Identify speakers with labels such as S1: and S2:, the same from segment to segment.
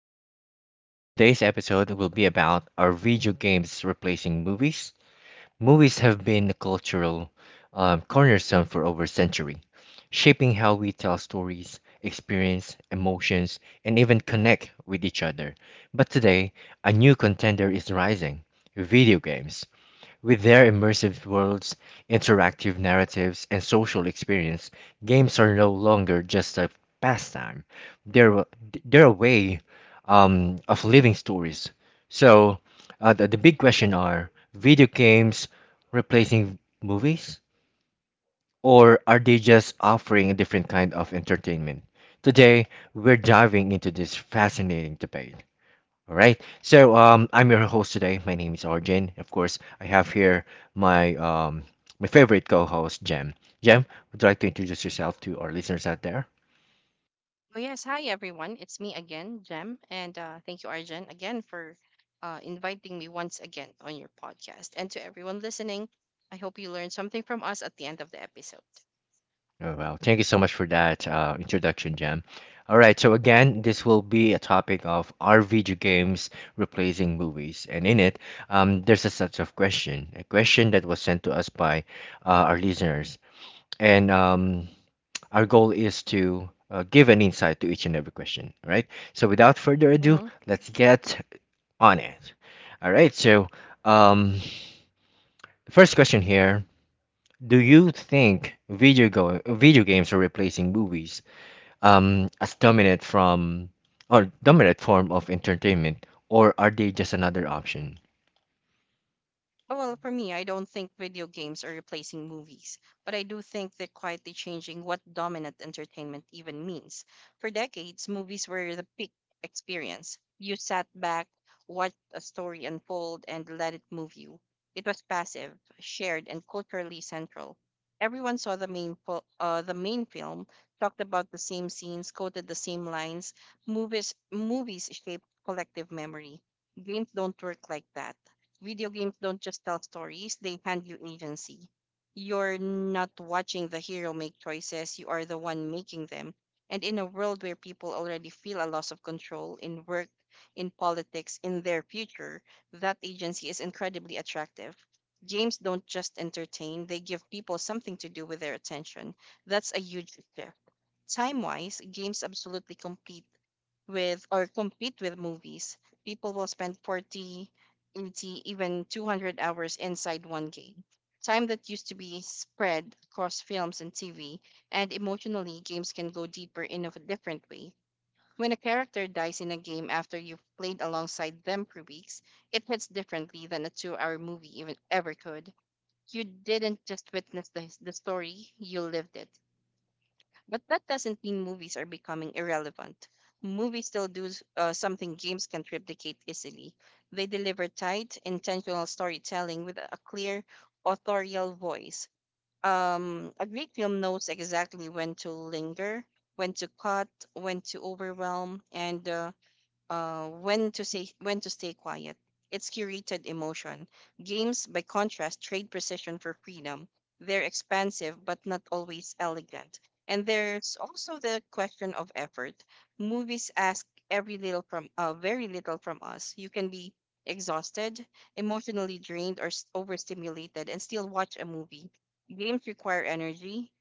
S1: podcast. Today's episode will be about are video games replacing movies? Movies have been a cultural cornerstone for over a century, shaping how we tell stories, experience emotions, and even connect with each other. But today, a new contender is rising video games. With their immersive worlds, interactive narratives, and social experience, games are no longer just a pastime. They're, a- they're a way of living stories. So, the big question are video games replacing movies? Or are they just offering a different kind of entertainment? Today, we're diving into this fascinating debate, all right. I'm your host today. My name is Arjun. Of course, I have here my my favorite co-host, Jem. Jem, would you like to introduce yourself to our listeners out there?
S2: Oh, yes. Hi, everyone. It's me again, Jem. And thank you, Arjen, again for inviting me once again on your podcast. And to everyone listening, I hope you learned something from us at the end of the episode.
S1: Oh, well, thank you so much for that introduction, Jem. All right. So again, this will be a topic of are video games replacing movies? And in it, there's a set of question, a question that was sent to us by our listeners. And Our goal is to give an insight to each and every question, all right? So without further ado,
S2: Mhm.
S1: let's get on it. All right, so um, first question here. Do you think video games are replacing movies, as dominant from or dominant form of entertainment, or are they just another option?
S2: Well, for me, I don't think video games are replacing movies, but I do think they're quietly changing what dominant entertainment even means. For decades, movies were the peak experience. You sat back, watched a story unfold, and let it move you. It was passive, shared, and culturally central. Everyone saw the the main film, talked about the same scenes, quoted the same lines. Movies shape collective memory. Games don't work like that. Video games don't just tell stories, they hand you agency. You're not watching the hero make choices, you are the one making them. And in a world where people already feel a loss of control in work, in politics, in their future, that agency is incredibly attractive. Games don't just entertain, they give people something to do with their attention. That's a huge shift. Time wise, games absolutely complete with or compete with movies. People will spend 40, 80, even 200 hours inside one game. Time that used to be spread across films and TV. And emotionally, games can go deeper in a different way. When a character dies in a game after you've played alongside them for weeks, it hits differently than a 2 hour movie even ever could. You didn't just witness the story, you lived it. But that doesn't mean movies are becoming irrelevant. Movies still do something games can't replicate easily. They deliver tight, intentional storytelling with a clear, authorial voice. A great film knows exactly when to linger, when to cut, when to overwhelm, and when to stay quiet. It's curated emotion. Games, by contrast, trade precision for freedom. They're expansive but not always elegant. And there's also the question of effort. Movies ask every little from very little from us. You can be exhausted, emotionally drained, or overstimulated, and still watch a movie. Games require energy,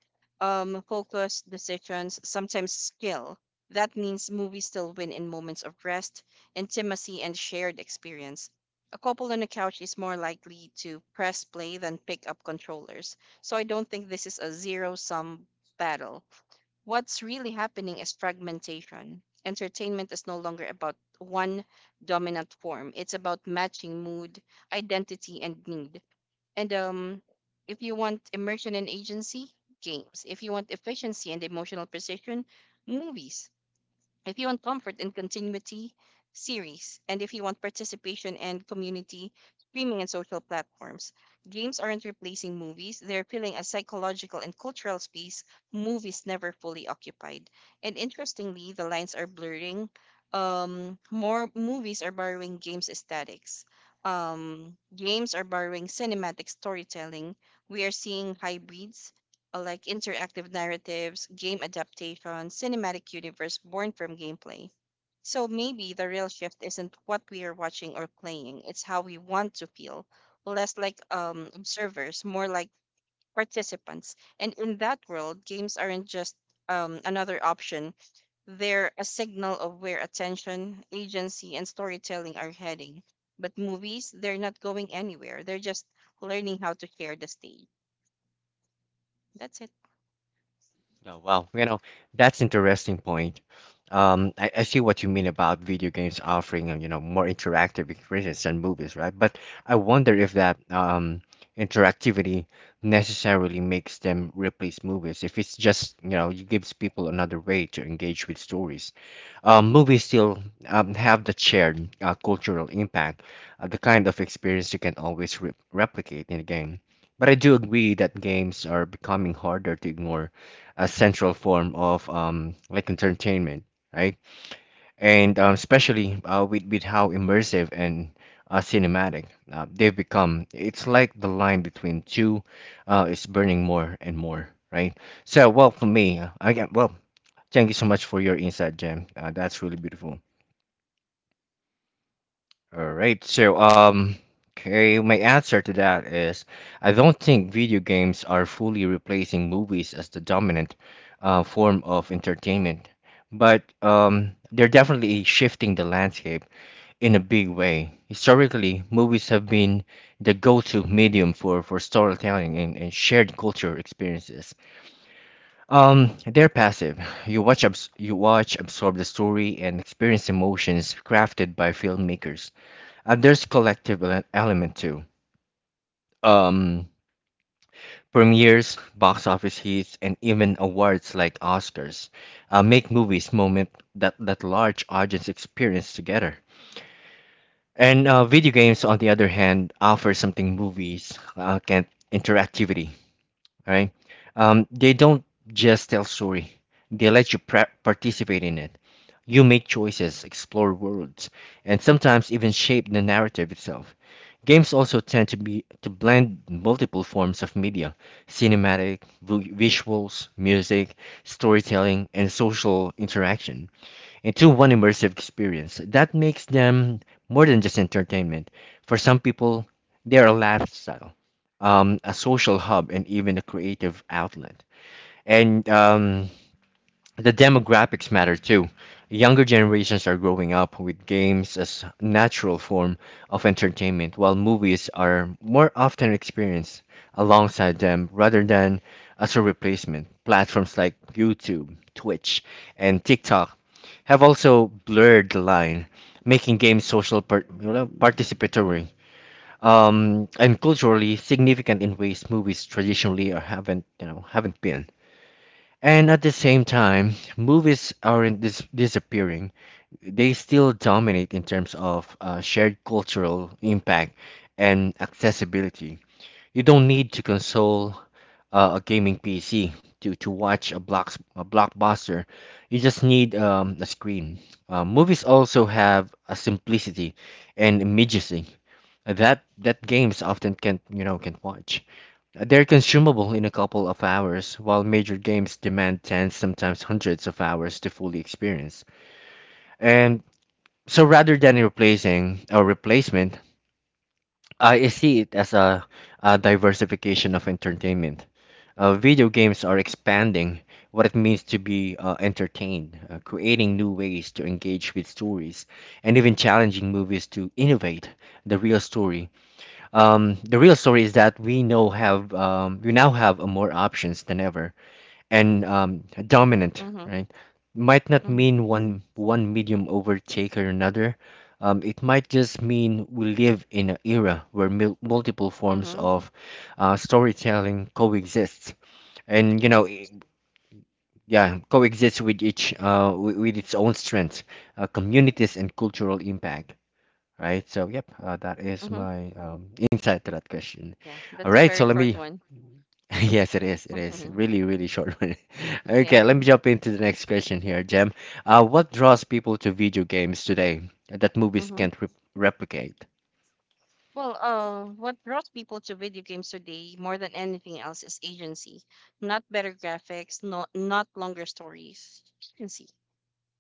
S2: focus, decisions, sometimes skill. That means movies still win in moments of rest, intimacy, and shared experience. A couple on a couch is more likely to press play than pick up controllers, so I don't think this is a zero sum battle. What's really happening is fragmentation. Entertainment is no longer about one dominant form, it's about matching mood, identity, and need. And if you want immersion and agency, games. If you want efficiency and emotional precision, movies. If you want comfort and continuity, series. And if you want participation and community, streaming and social platforms. Games aren't replacing movies, they're filling a psychological and cultural space movies never fully occupied. And interestingly, the lines are blurring. More movies are borrowing games aesthetics. Games are borrowing cinematic storytelling. We are seeing hybrids, like interactive narratives, game adaptations, cinematic universe born from gameplay. So maybe the real shift isn't what we are watching or playing, it's how we want to feel, less like observers, more like participants. And in that world, games aren't just another option, they're a signal of where attention, agency, and storytelling are heading. But movies, they're not going anywhere, they're just learning how to share the stage. That's it.
S1: Oh, wow. You know, that's interesting point. I see what you mean about video games offering, you know, more interactive experiences than movies, right? But I wonder if that interactivity necessarily makes them replace movies. If it's just, you know, it gives people another way to engage with stories. Movies still have the shared cultural impact, the kind of experience you can always re replicate in a game. But I do agree that games are becoming harder to ignore a central form of like entertainment, right? And Especially with how immersive and cinematic they've become. It's like the line between two is burning more and more, right? So, well, for me, again, well, thank you so much for your insight, Jam. That's really beautiful. All right. So, okay, my answer to that is I don't think video games are fully replacing movies as the dominant form of entertainment, but they're definitely shifting the landscape in a big way. Historically, movies have been the go-to medium for storytelling and shared culture experiences. They're passive. You watch, absorb the story, and experience emotions crafted by filmmakers. There's collective element too. Um, premieres, box office hits, and even awards like Oscars make movies moment that large audience experience together. And video games, on the other hand, offer something movies can't: interactivity, right? They don't just tell story; they let you pra participate in it. You make choices, explore worlds, and sometimes even shape the narrative itself. Games also tend to blend multiple forms of media: cinematic, visuals, music, storytelling, and social interaction into one immersive experience. That makes them more than just entertainment. For some people, they are a lifestyle, a social hub, and even a creative outlet. And the demographics matter too. Younger generations are growing up with games as natural form of entertainment, while movies are more often experienced alongside them rather than as a replacement. Platforms like YouTube, Twitch, and TikTok have also blurred the line, making games you know, participatory, and culturally significant in ways movies traditionally are haven't you know haven't been. And at the same time, movies aren't disappearing. They still dominate in terms of shared cultural impact and accessibility. You don't need to console a gaming PC to watch a blockbuster. You just need a screen. Movies also have a simplicity and immediacy that games often can't you know can't watch. They're consumable in a couple of hours, while major games demand tens, sometimes hundreds of hours to fully experience. And so, rather than replacing a replacement, I see it as a diversification of entertainment. Video games are expanding what it means to be entertained, creating new ways to engage with stories, and even challenging movies to innovate the real story. The real story is that we now have more options than ever, and dominant,
S2: Mm-hmm.
S1: right? Might not
S2: Mm-hmm.
S1: mean one medium overtake or another. It might just mean we live in an era where mil multiple forms
S2: Mm-hmm.
S1: of storytelling coexist, and
S2: Right.
S1: yeah, coexist with with its own strengths, communities, and cultural impact, right? So, yep, that is
S2: Mm-hmm.
S1: my insight to that question.
S2: Yeah, that's
S1: All
S2: a
S1: right,
S2: very
S1: so let
S2: short
S1: me,
S2: one.
S1: yes, it is
S2: Mhm.
S1: really, really short one.
S2: Yeah.
S1: Okay, let me jump into the next question here, Jem. What draws people to video games today that movies
S2: Mm-hmm.
S1: can't re replicate?
S2: Well, what draws people to video games today more than anything else is agency. Not better graphics, not longer stories. Agency.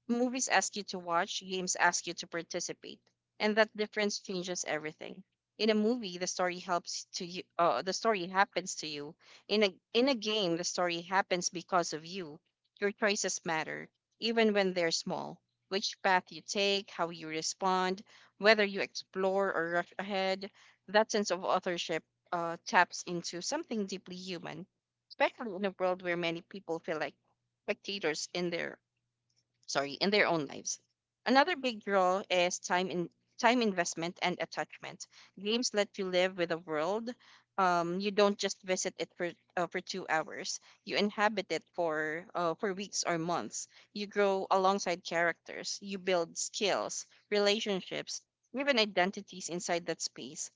S2: Movies ask you to watch, games ask you to participate, and that difference changes everything. In a movie, the story helps to you. The story happens to you. In a game, the story happens because of you. Your choices matter, even when they're small. Which path you take, how you respond, whether you explore or rush ahead. That sense of authorship taps into something deeply human, especially in a world where many people feel like spectators in their sorry, in their own lives. Another big draw is time investment and attachment. Games let you live with the world. You don't just visit it for 2 hours. You inhabit it for weeks or months. You grow alongside characters. You build skills, relationships, even identities inside that space.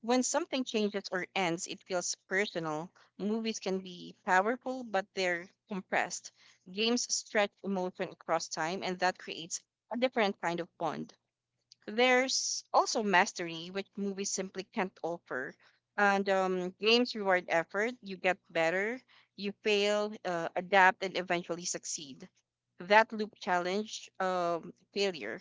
S2: When something changes or ends, it feels personal. Movies can be powerful, but they're compressed. Games stretch emotion across time, and that creates a different kind of bond. There's also mastery, which movies simply can't offer. And games reward effort. You get better, you fail, adapt, and eventually succeed. That loop challenge failure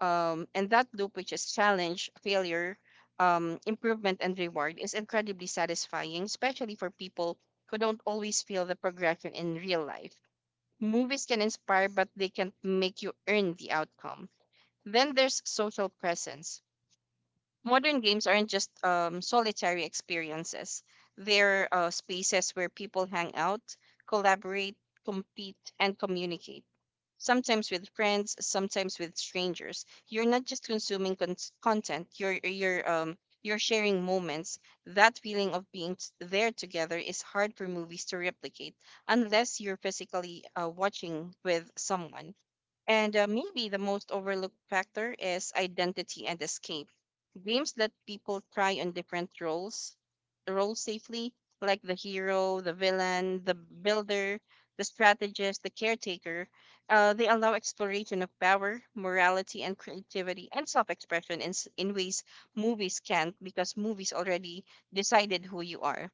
S2: and that loop which is challenge, failure, improvement, and reward, is incredibly satisfying, especially for people who don't always feel the progression in real life. Movies can inspire, but they can make you earn the outcome. Then there's social presence. Modern games aren't just solitary experiences. They're spaces where people hang out, collaborate, compete, and communicate. Sometimes with friends, sometimes with strangers. You're not just consuming content. You're sharing moments. That feeling of being there together is hard for movies to replicate unless you're physically watching with someone. And maybe the most overlooked factor is identity and escape. Games let people try on different roles, roles safely, like the hero, the villain, the builder, the strategist, the caretaker. They allow exploration of power, morality, and creativity and self-expression in ways movies can't, because movies already decided who you are.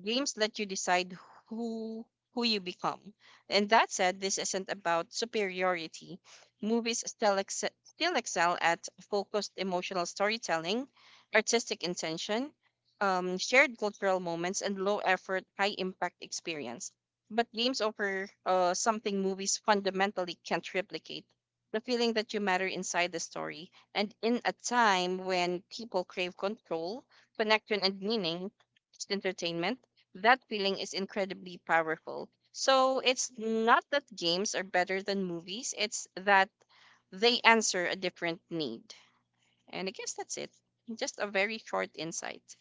S2: Games let you decide who who you become. And that said, this isn't about superiority. Movies still still excel at focused emotional storytelling, artistic intention, shared cultural moments, and low effort, high impact experience. But games offer something movies fundamentally can't replicate: the feeling that you matter inside the story. And in a time when people crave control, connection, and meaning, it's entertainment that feeling is incredibly powerful. So it's not that games are better than movies, it's that they answer a different need. And I guess that's it. Just a very short insight,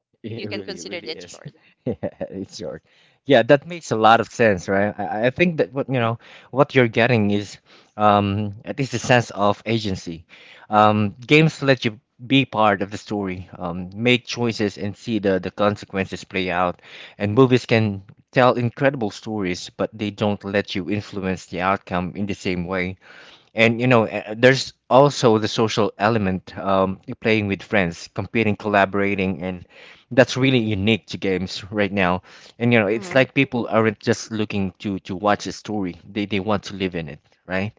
S2: if you can
S1: It
S2: consider
S1: really
S2: it
S1: is.
S2: short.
S1: Yeah, it's short. Yeah, that makes a lot of sense, right? I think that what you're getting is at least a sense of agency. Games let you be part of the story, make choices and see the consequences play out. And movies can tell incredible stories, but they don't let you influence the outcome in the same way. And you know, there's also the social element, playing with friends, competing, collaborating, and that's really unique to games right now. And you know, it's
S2: Mm-hmm.
S1: like people aren't just looking to watch a story, they want to live in it, right?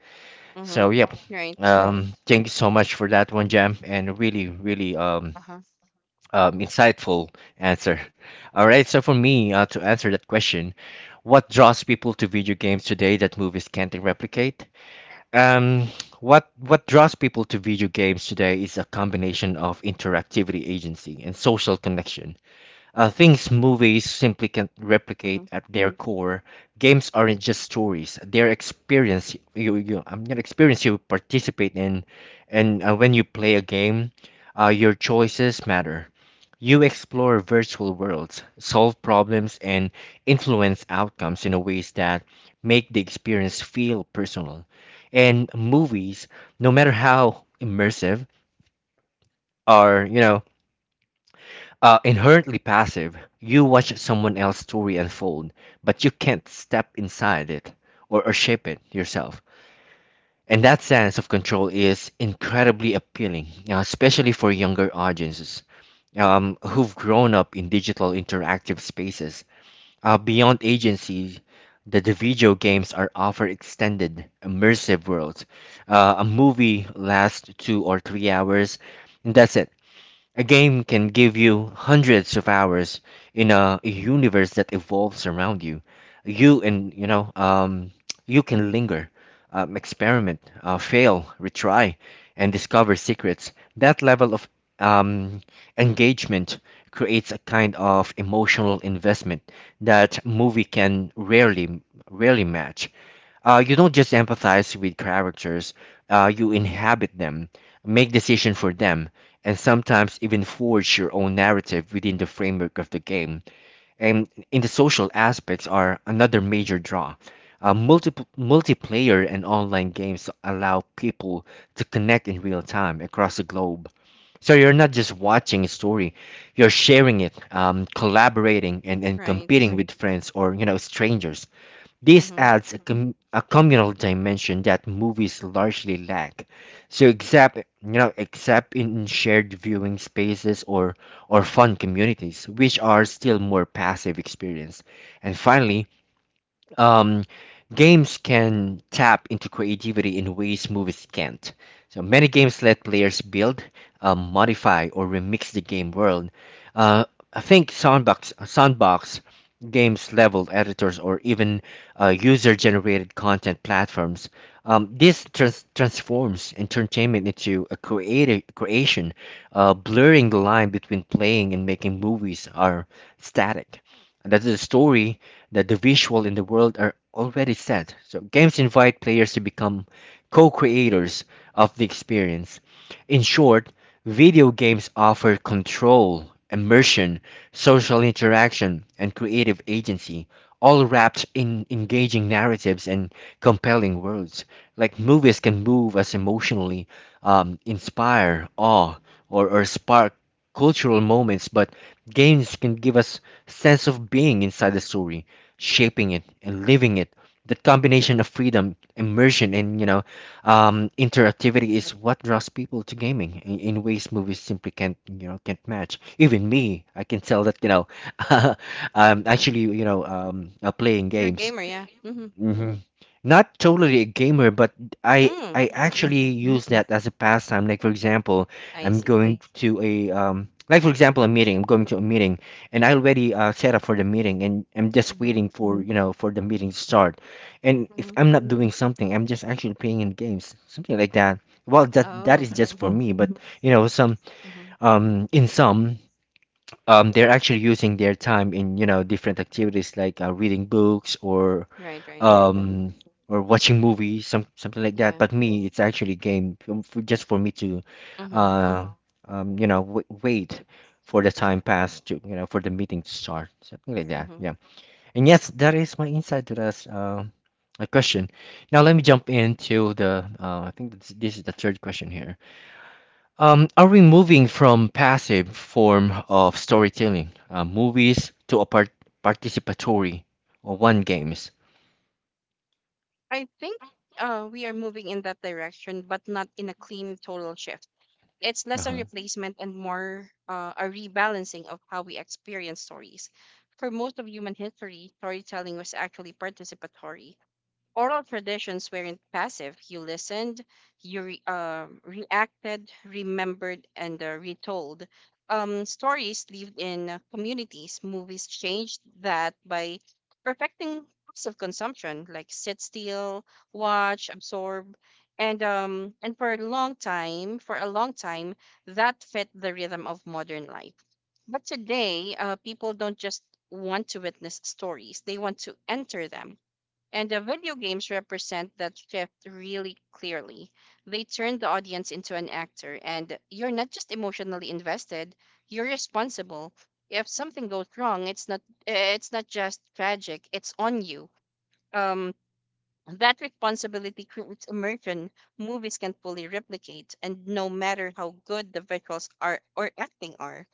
S2: Mm-hmm.
S1: So yep.
S2: Right.
S1: Thank you so much for that one, Jam, and really, really,
S2: Uh-huh.
S1: insightful answer. All right, so for me, to answer that question, what draws people to video games today that movies can't replicate? Um, what draws people to video games today is a combination of interactivity, agency, and social connection. Things movies simply can't
S2: Mm-hmm.
S1: replicate at their core. Games aren't just stories; they're experience. I'm an experience you participate in, and when you play a game, your choices matter. You explore virtual worlds, solve problems, and influence outcomes in a ways that make the experience feel personal. And movies, no matter how immersive, are inherently passive. You watch someone else's story unfold, but you can't step inside it or shape it yourself. And that sense of control is incredibly appealing, especially for younger audiences, who've grown up in digital interactive spaces. Beyond agency, the video games are offer extended, immersive worlds. A movie lasts two or three hours, and that's it. A game can give you hundreds of hours in a universe that evolves around you. You and You know, you can linger, experiment, fail, retry, and discover secrets. That level of um, engagement creates a kind of emotional investment that movie can rarely match. You don't just empathize with characters, you inhabit them, make decisions for them, and sometimes even forge your own narrative within the framework of the game. And in the social aspects are another major draw. Multiplayer and online games allow people to connect in real time across the globe. So you're not just watching a story, you're sharing it, collaborating, and competing, Mm,
S2: Right.
S1: with friends or you know strangers. This
S2: Mm-hmm.
S1: adds a communal dimension that movies largely lack. So except you know Except in shared viewing spaces or fun communities, which are still more passive experience. And finally, um, games can tap into creativity in ways movies can't. So many games let players build, modify, or remix the game world. Uh, I think sandbox games, level editors, or even user-generated content platforms. This transforms entertainment into a creative creation, blurring the line between playing and making movies are static and that the story, that the visual in the world are already set. So games invite players to become co-creators of the experience. In short, video games offer control, immersion, social interaction, and creative agency, all wrapped in engaging narratives and compelling worlds. Like movies can move us emotionally, inspire awe, or spark cultural moments, but games can give us sense of being inside the story, shaping it and living it. The combination of freedom, immersion, and you know, interactivity is what draws people to gaming in ways movies simply can't you know can't match. Even me, I can tell that I'm actually playing
S2: You're a
S1: games.
S2: gamer, yeah. Mm-hmm.
S1: Hmm. Not totally a gamer, but I
S2: Mm. Okay.
S1: actually use that as a pastime. Like for example,
S2: I
S1: I'm
S2: see.
S1: going to a like for example a meeting. I'm going to a meeting, and I already set up for the meeting, and I'm just
S2: Mm-hmm.
S1: waiting for for the meeting to start. And if
S2: Mm-hmm.
S1: I'm not doing something, I'm just actually playing in games, something like that. Well, that
S2: Oh.
S1: is just
S2: Mm-hmm.
S1: for me, but you know some
S2: Mm-hmm.
S1: in some they're actually using their time in different activities like reading books
S2: Right, right. Mm-hmm.
S1: um or watching movies, some something like that.
S2: Yeah.
S1: But me, it's actually game, just for me to
S2: Mm-hmm.
S1: uh wait
S2: So,
S1: for the time
S2: yeah.
S1: pass, to you know for the meeting to start, something like that,
S2: Mm-hmm.
S1: yeah. And yes, that is my insight to this a question. Now let me jump into the I think this is the third question here. Are we moving from passive form of storytelling, movies, to a participatory or one games?
S2: I think we are moving in that direction, but not in a clean total shift. It's less a
S1: Uh-huh.
S2: replacement and more a rebalancing of how we experience stories. For most of human history, storytelling was actually participatory. Oral traditions weren't passive. You listened, reacted, remembered, and retold. Stories lived in communities. Movies changed that by perfecting passive consumption, like sit still, watch, absorb, and for a long time, that fit the rhythm of modern life. But today, people don't just want to witness stories; they want to enter them. And the video games represent that shift really clearly. They turn the audience into an actor, and you're not just emotionally invested, you're responsible. If something goes wrong, it's not eh, it's not just tragic, it's on you. Um that responsibility creates immersion movies can fully replicate, and no matter how good the visuals are or acting are.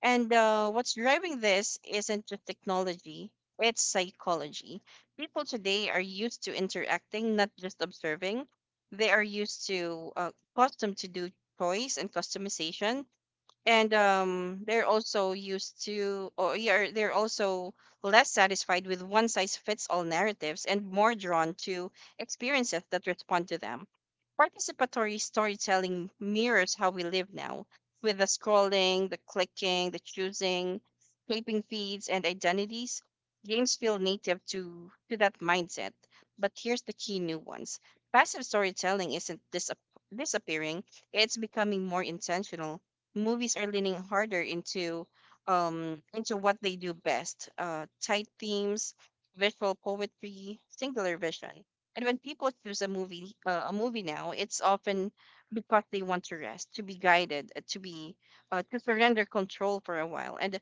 S2: And what's driving this isn't just technology, it's psychology. People today are used to interacting, not just observing. They are used to accustomed to do choice and customization. And um, they're also used to or you're, they're also less satisfied with one size fits all narratives and more drawn to experiences that respond to them. Participatory storytelling mirrors how we live now, with the scrolling, the clicking, the choosing, shaping feeds and identities. Games feel native to that mindset. But here's the key nuance: passive storytelling isn't disappearing, it's becoming more intentional. Movies are leaning harder into what they do best: tight themes, visual poetry, singular vision. And when people choose a movie now, it's often because they want to rest, to be guided, to surrender control for a while. And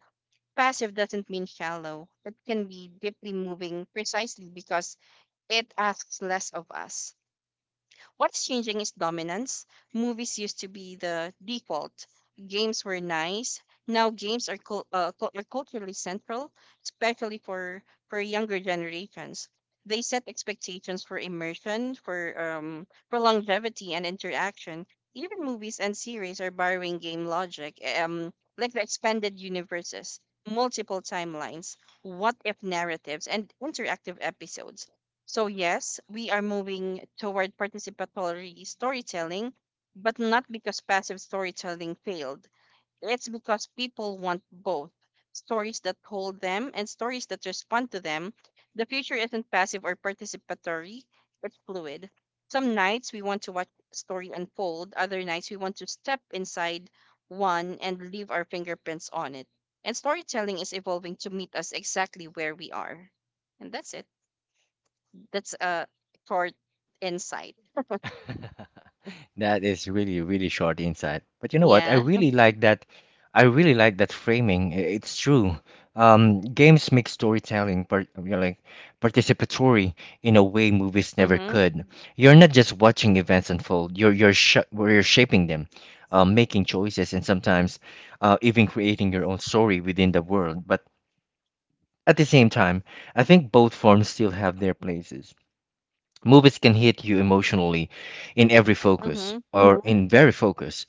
S2: passive doesn't mean shallow, it can be deeply moving precisely because it asks less of us. What's changing is dominance. Movies used to be the default. Games were nice. Now games are are culturally central, especially for younger generations. They set expectations for immersion, for longevity and interaction. Even movies and series are borrowing game logic, like the expanded universes, multiple timelines, what if narratives, and interactive episodes. So, yes, we are moving toward participatory storytelling, but not because passive storytelling failed. It's because people want both: stories that hold them and stories that respond to them. The future isn't passive or participatory, it's fluid. Some nights we want to watch a story unfold, other nights we want to step inside one and leave our fingerprints on it. And storytelling is evolving to meet us exactly where we are. And that's it. That's a short insight.
S1: That is really, really short insight. But you know what? I
S2: Yeah.
S1: really like that. I really like that framing. It's true. Games make storytelling part, you know, like participatory, in a way movies never
S2: Mhm.
S1: could. You're not just watching events unfold. You're sh where you're shaping them, making choices, and sometimes even creating your own story within the world. But at the same time, I think both forms still have their places. Movies can hit you emotionally in every focus
S2: Mhm.
S1: or in very focus,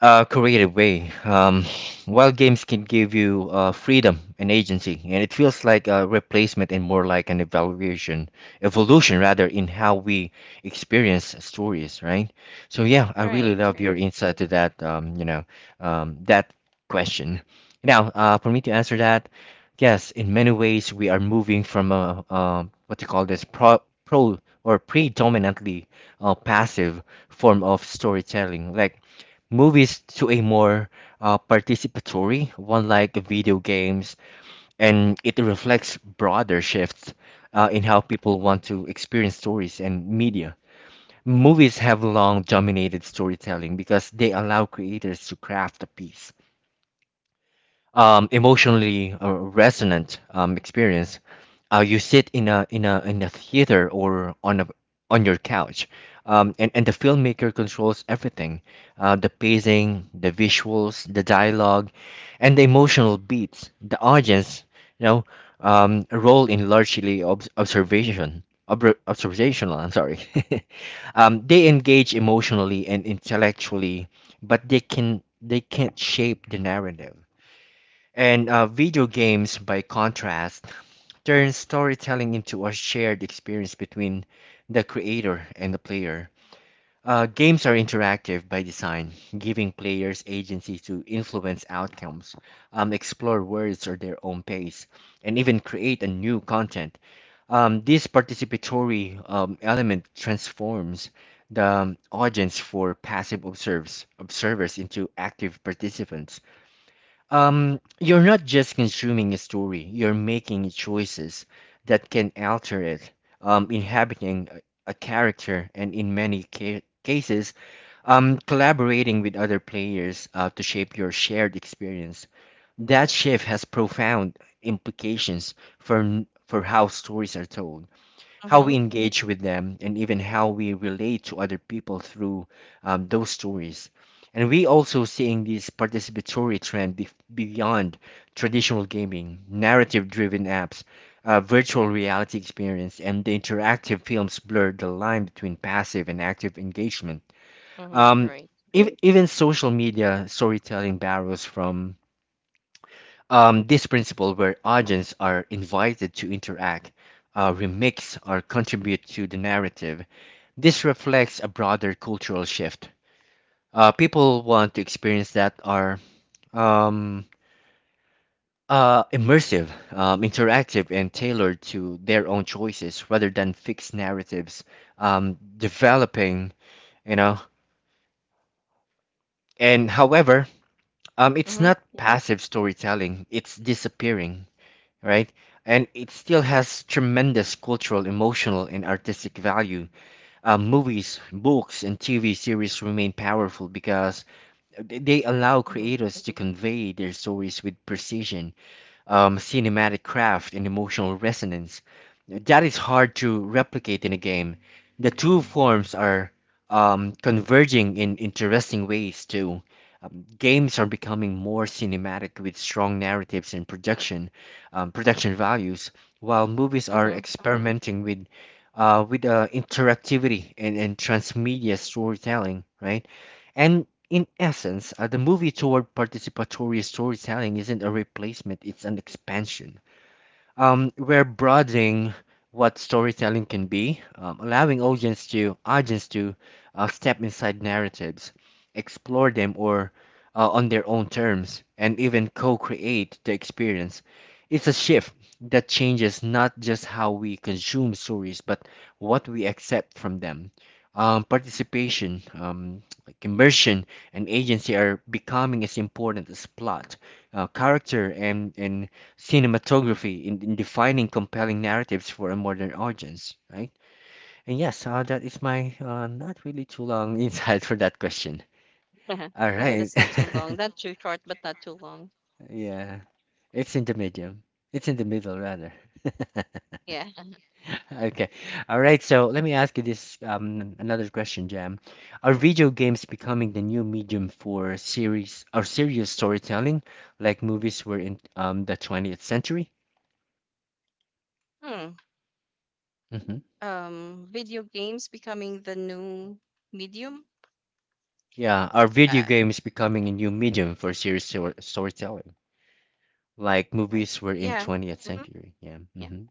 S1: creative way. While games can give you freedom and agency, and it feels like a replacement and more like an evolution rather, in how we experience stories, right? So yeah, I really
S2: Right.
S1: love
S2: Right.
S1: your insight to that. That question. Now, for me to answer that, yes, in many ways we are moving from a, what you call this pro, pro or predominantly passive form of storytelling, like movies, to a more participatory one like video games, and it reflects broader shifts in how people want to experience stories and media. Movies have long dominated storytelling because they allow creators to craft a piece emotionally resonant experience. You sit in a theater or on a on your couch, and the filmmaker controls everything, the pacing, the visuals, the dialogue, and the emotional beats. The audience, you know, role in largely observation. Observational, I'm sorry. They engage emotionally and intellectually, but they can't shape the narrative. And video games, by contrast, turn storytelling into a shared experience between the creator and the player. Games are interactive by design, giving players agency to influence outcomes, explore worlds or their own pace, and even create a new content. This participatory element transforms the audience for passive observers into active participants. You're not just consuming a story, you're making choices that can alter it, inhabiting a character, and in many ca cases, collaborating with other players to shape your shared experience. That shift has profound implications for how stories are told, how we
S2: Mhm.
S1: engage with them, and even how we relate to other people through those stories. And we also seeing this participatory trend beyond traditional gaming. Narrative-driven apps, virtual reality experience, and the interactive films blur the line between passive and active engagement.
S2: Mhm.
S1: Um,
S2: Right.
S1: ev- even social media storytelling borrows from this principle, where audience are invited to interact, remix, or contribute to the narrative. This reflects a broader cultural shift. People want to experience that are um, immersive, interactive, and tailored to their own choices rather than fixed narratives developing, you know. And however, it's
S2: Mhm.
S1: not, yeah, passive storytelling, it's disappearing, right? And it still has tremendous cultural, emotional, and artistic value. Movies, books, and TV series remain powerful because they allow
S2: Mhm.
S1: creators to convey their stories with precision, cinematic craft, and emotional resonance. That is hard to replicate in a game. The two forms are converging in interesting ways, too. Games are becoming more cinematic with strong narratives and production values, while movies are
S2: Mhm.
S1: experimenting with interactivity and transmedia storytelling, right? And in essence, the movie toward participatory storytelling isn't a replacement; it's an expansion. We're broadening what storytelling can be, allowing audience to step inside narratives, explore them or on their own terms, and even co-create the experience. It's a shift that changes not just how we consume stories, but what we accept from them. Participation, like immersion, and agency are becoming as important as plot, character, and cinematography in defining compelling narratives for a modern audience, right? And yes, that is my not really too long insight for that question. All right.
S2: That's not too long. Not too short, but not too long.
S1: Yeah, it's in the medium. It's in the middle, rather.
S2: Yeah.
S1: Okay. All right. So let me ask you this, another question, Jam. Are video games becoming the new medium for series or serious storytelling, like movies were in the 20th century?
S2: Hmm.
S1: Mm-hmm.
S2: Video games becoming the new medium.
S1: Yeah, our video
S2: Uh.
S1: game is becoming a new medium for serious storytelling, like
S2: Right.
S1: movies were in
S2: Yeah.
S1: 20th
S2: Mhm.
S1: century. Yeah.
S2: Yeah.
S1: Hmm.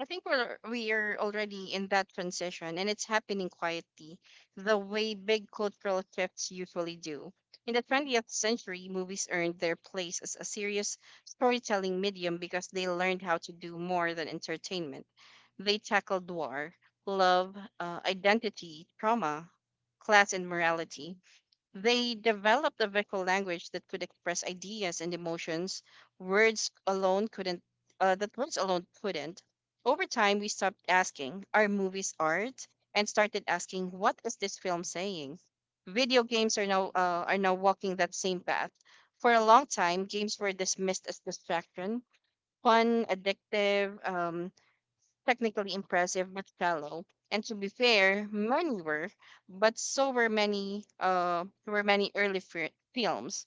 S2: I think we're already in that transition and it's happening quietly, the way big cultural shifts usually do. In the 20th century, movies earned their place as a serious storytelling medium because they learned how to do more than entertainment. They tackled war, love, identity, trauma, class, and morality. They developed a vocal language that could express ideas and emotions words alone couldn't, that words alone couldn't. Over time, we stopped asking, "Are movies art?" and started asking, "What is this film saying?" Video games are now walking that same path. For a long time, games were dismissed as distraction, fun, addictive, technically impressive but shallow. And to be fair, many were, but so were many early films.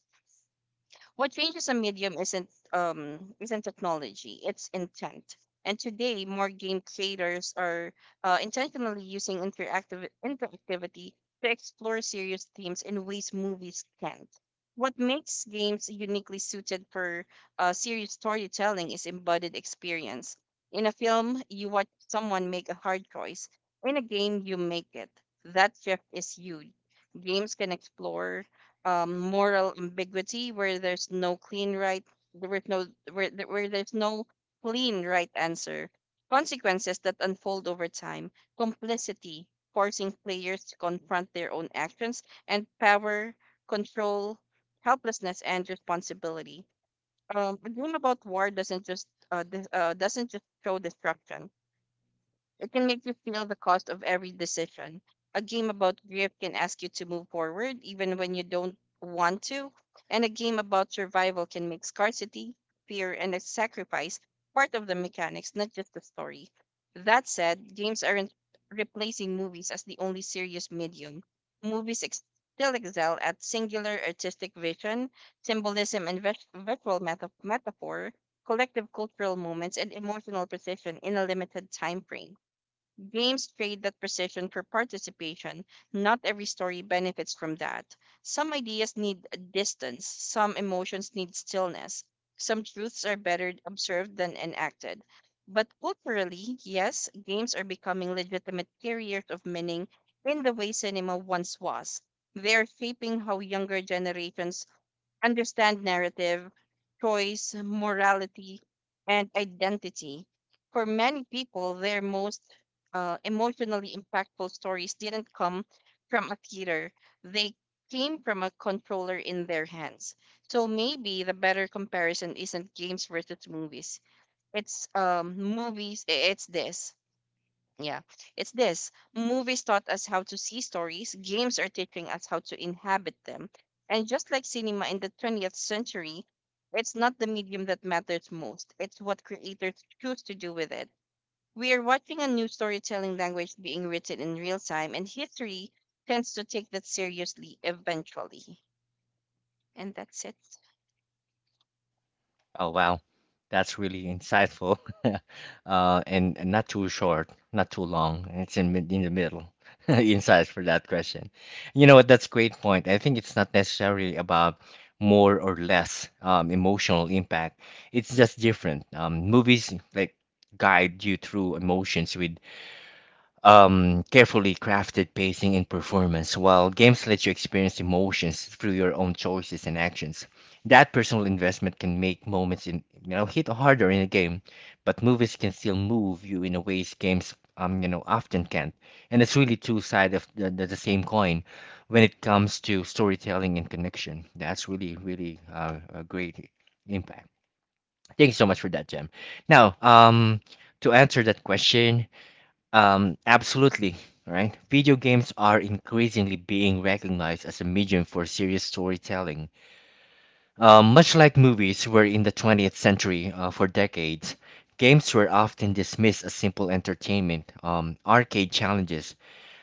S2: What changes a medium isn't technology, it's intent. And today more game creators are intentionally using interactive interactivity to explore serious themes in ways movies can't. What makes games uniquely suited for serious storytelling is embodied experience. In a film, you watch someone make a hard choice. In a game, you make it. That shift is huge. Games can explore moral ambiguity where there's no clean right where no where, th- where there's no clean right answer, consequences that unfold over time, complicity forcing players to confront their own actions, and power, control, helplessness, and responsibility. A game about war doesn't just show destruction, it can make you feel the cost of every decision. A game about grief can ask you to move forward even when you don't want to, and a game about survival can make scarcity, fear, and a sacrifice part of the mechanics, not just the story. That said, games aren't replacing movies as the only serious medium. Movies still excel at singular artistic vision, symbolism, and visual metaphor, collective cultural moments, and emotional precision in a limited time frame. Games trade that precision for participation. Not every story benefits from that. Some ideas need distance, some emotions need stillness, some truths are better observed than enacted. But culturally, yes, games are becoming legitimate carriers of meaning in the way cinema once was. They are shaping how younger generations understand narrative, choice, morality, and identity. For many people, their most emotionally impactful stories didn't come from a theater, they came from a controller in their hands. So maybe the better comparison isn't games versus movies. It's movies. I- It's this. Yeah, it's this. Movies taught us how to see stories, games are teaching us how to inhabit them. And just like cinema in the 20th century, it's not the medium that matters most, it's what creators choose to do with it. We are watching a new storytelling language being written in real time, and history tends to take that seriously eventually. And that's it.
S1: Oh wow, that's really insightful, and not too short, not too long, and it's in in the middle. Insights for that question. You know what? That's a great point. I think it's not necessarily about more or less emotional impact. It's just different. Movies like guide you through emotions with carefully crafted pacing and performance, while games let you experience emotions through your own choices and actions. That personal investment can make moments in you know hit harder in a game, but movies can still move you in a ways games you know often can't. And it's really two sides of the same coin when it comes to storytelling and connection. That's really really a great impact. Thank you so much for that, Jem. Now, to answer that question, absolutely, right? Video games are increasingly being recognized as a medium for serious storytelling. Much like movies were in the 20th century, for decades, games were often dismissed as simple entertainment, arcade challenges,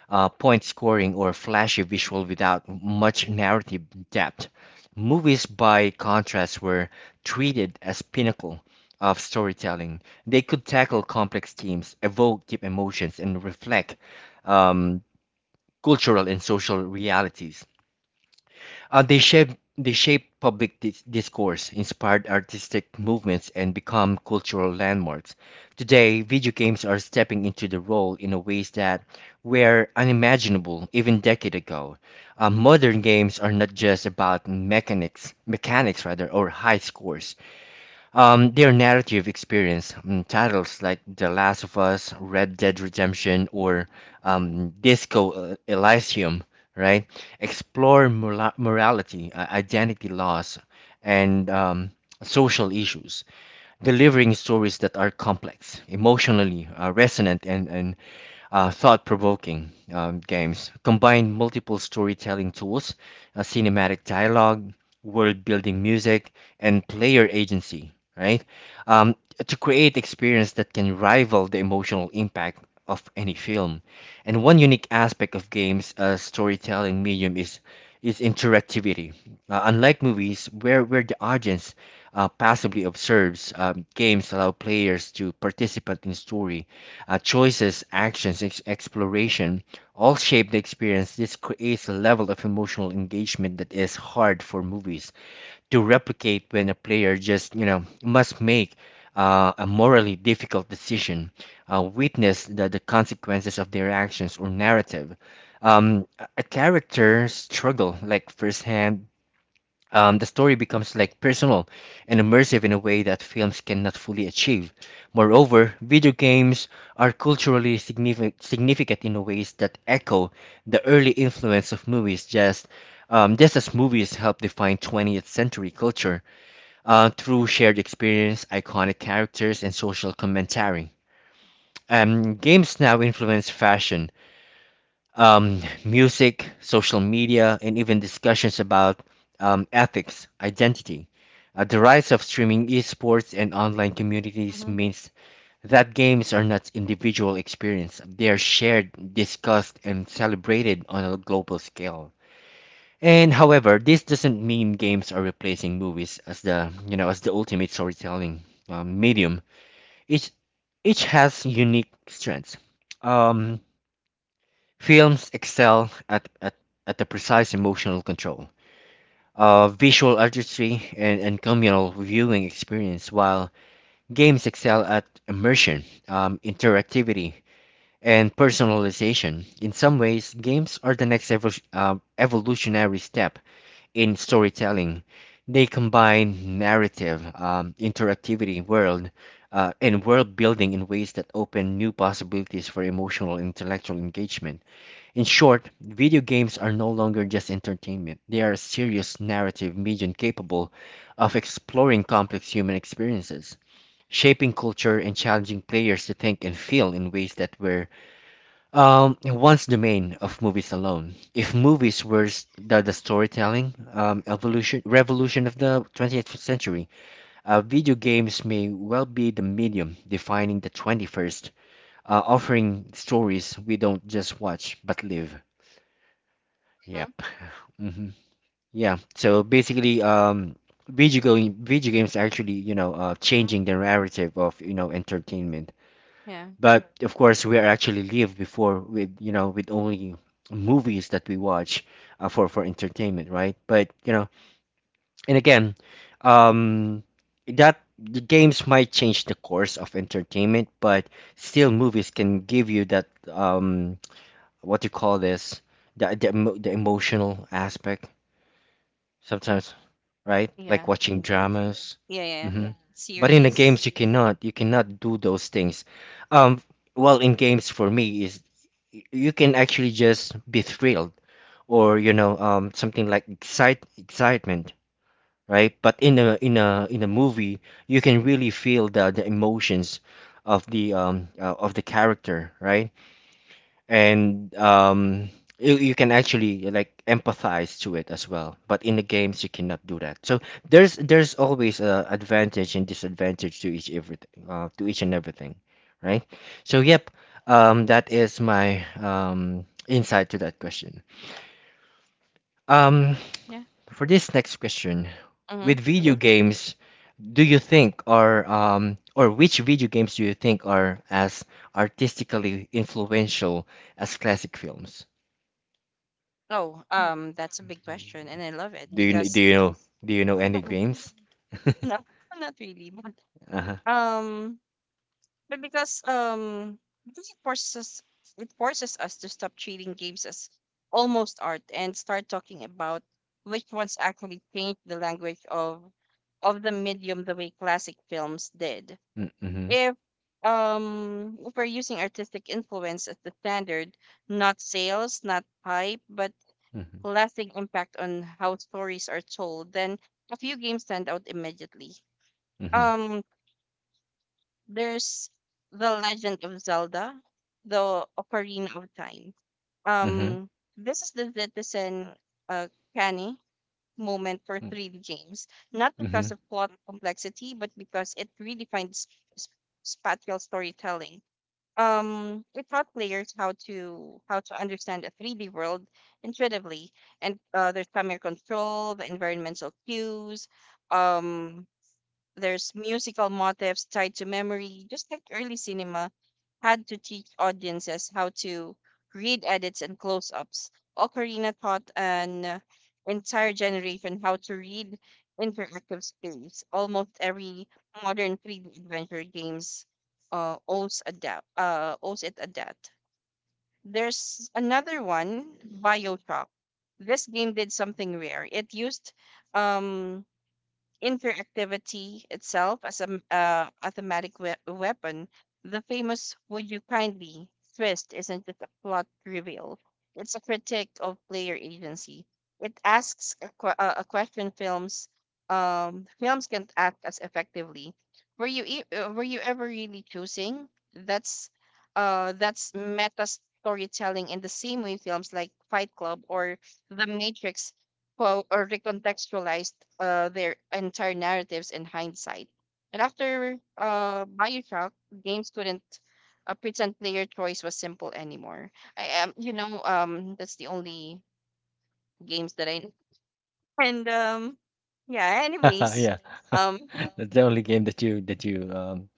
S1: point scoring, or flashy visual without much narrative depth. Movies, by contrast, were treated as pinnacle of storytelling. They could tackle complex themes, evoke deep emotions, and reflect um, cultural and social realities. Uh, they shape they shape public discourse, inspired artistic movements, and become cultural landmarks. Today, video games are stepping into the role in a ways that were unimaginable even decade ago. Modern games are not just about mechanics rather, or high scores. Their narrative experience, mm, titles like The Last of Us, Red Dead Redemption, or Disco Elysium, right, explore morality, identity loss, and social issues, delivering stories that are complex, emotionally resonant, and thought provoking. Games combine multiple storytelling tools, cinematic dialogue, world building music, and player agency, right? Um, to create experience that can rival the emotional impact of any film. And one unique aspect of games as storytelling medium is interactivity. Unlike movies, where the audience passively observes, games allow players to participate in story, choices, actions, exploration all shape the experience. This creates a level of emotional engagement that is hard for movies to replicate when a player just, you know, must make a morally difficult decision, witness the consequences of their actions or narrative. A character's struggle, like firsthand, the story becomes like personal and immersive in a way that films cannot fully achieve. Moreover, video games are culturally significant in ways that echo the early influence of movies, just as movies help define 20th century culture, through shared experience, iconic characters, and social commentary. Games now influence fashion, music, social media, and even discussions about ethics, identity. The rise of streaming esports and online communities
S2: Hmm.
S1: means that games are not individual experience. They are shared, discussed, and celebrated on a global scale. And however, this doesn't mean games are replacing movies as the you know as the ultimate storytelling medium. Each each has unique strengths. Um, Films excel at the precise emotional control, visual artistry, and communal viewing experience, while games excel at immersion, interactivity, and personalization. In some ways, games are the next evolutionary step in storytelling. They combine narrative, interactivity, and world building in ways that open new possibilities for emotional and intellectual engagement. In short, video games are no longer just entertainment, they are a serious narrative medium capable of exploring complex human experiences, shaping culture, and challenging players to think and feel in ways that were once the domain of movies alone. If movies were the storytelling revolution of the 20th century, video games may well be the medium defining the 21st, offering stories we don't just watch but live.
S2: Hmm.
S1: Yep. Hmm. Yeah. So basically, video games actually, you know,
S2: Hmm.
S1: changing the narrative of, you know, entertainment.
S2: Yeah,
S1: But of course, we are actually live before with, you know, with only movies that we watch for entertainment, right? But you know, and again, um, that the games might change the course of entertainment, but still, movies can give you that what do you call this? The emotional aspect sometimes, right? Like
S2: yeah.
S1: watching
S2: Um,
S1: dramas.
S2: yeah, yeah.
S1: Hmm. But in the
S2: Series.
S1: games, you cannot. You cannot do those things. Um, well, in games for me is you can actually just be thrilled or you know something like excitement, right? But in a movie, you can really feel the emotions of the character, right? And you can actually like empathize to it as well, but in the games you cannot do that, so there's always a advantage and disadvantage to each everything to each and everything, right? So yep. That is my insight to that question. um
S2: Yeah.
S1: for this next question,
S2: Mm-hmm.
S1: with video games, do you think are or which video games do you think are as artistically influential as classic films?
S2: Oh, that's a big question, and I love it
S1: Do you do
S2: because
S1: you know, do you know any games?
S2: no, not really, but
S1: Uh-huh.
S2: um, but because um, because it forces us to stop treating games as almost art and start talking about which ones actually changed the language of the medium the way classic films did.
S1: Mm.
S2: If if we're using artistic influence as the standard, not sales, not hype, but
S1: Mm-hmm.
S2: lasting impact on how stories are told, then a few games stand out immediately.
S1: Mm-hmm.
S2: Um, there's The Legend of Zelda, The Ocarina of Time.
S1: Mm-hmm.
S2: Um, this is the Zetizen uh, canny moment for 3D games, not
S1: Mm-hmm.
S2: because of plot complexity, but because it redefined sp- spatial storytelling. Um it taught players how to understand a 3D world intuitively, and there's camera control, the environmental cues, um there's musical motifs tied to memory, just like early cinema had to teach audiences how to read edits and close ups. Ocarina taught an entire generation how to read interactive space. Almost every modern 3D adventure games owes it a debt. There's another one, Bioshock. This game did something rare. It used um, interactivity itself as a a thematic weapon. The famous "Would you kindly" twist isn't just a plot reveal; it's a critique of player agency. It asks a question films films can't ask as effectively. Were you ever really choosing? That's that's meta storytelling in the same way films like Fight Club or The Matrix quote or recontextualized their entire narratives in hindsight. And after Bioshock, games couldn't pretend player choice was simple anymore. I am, you know, that's the only games that I, and yeah. Anyways,
S1: Yeah.
S2: um,
S1: That's the only game that you that you um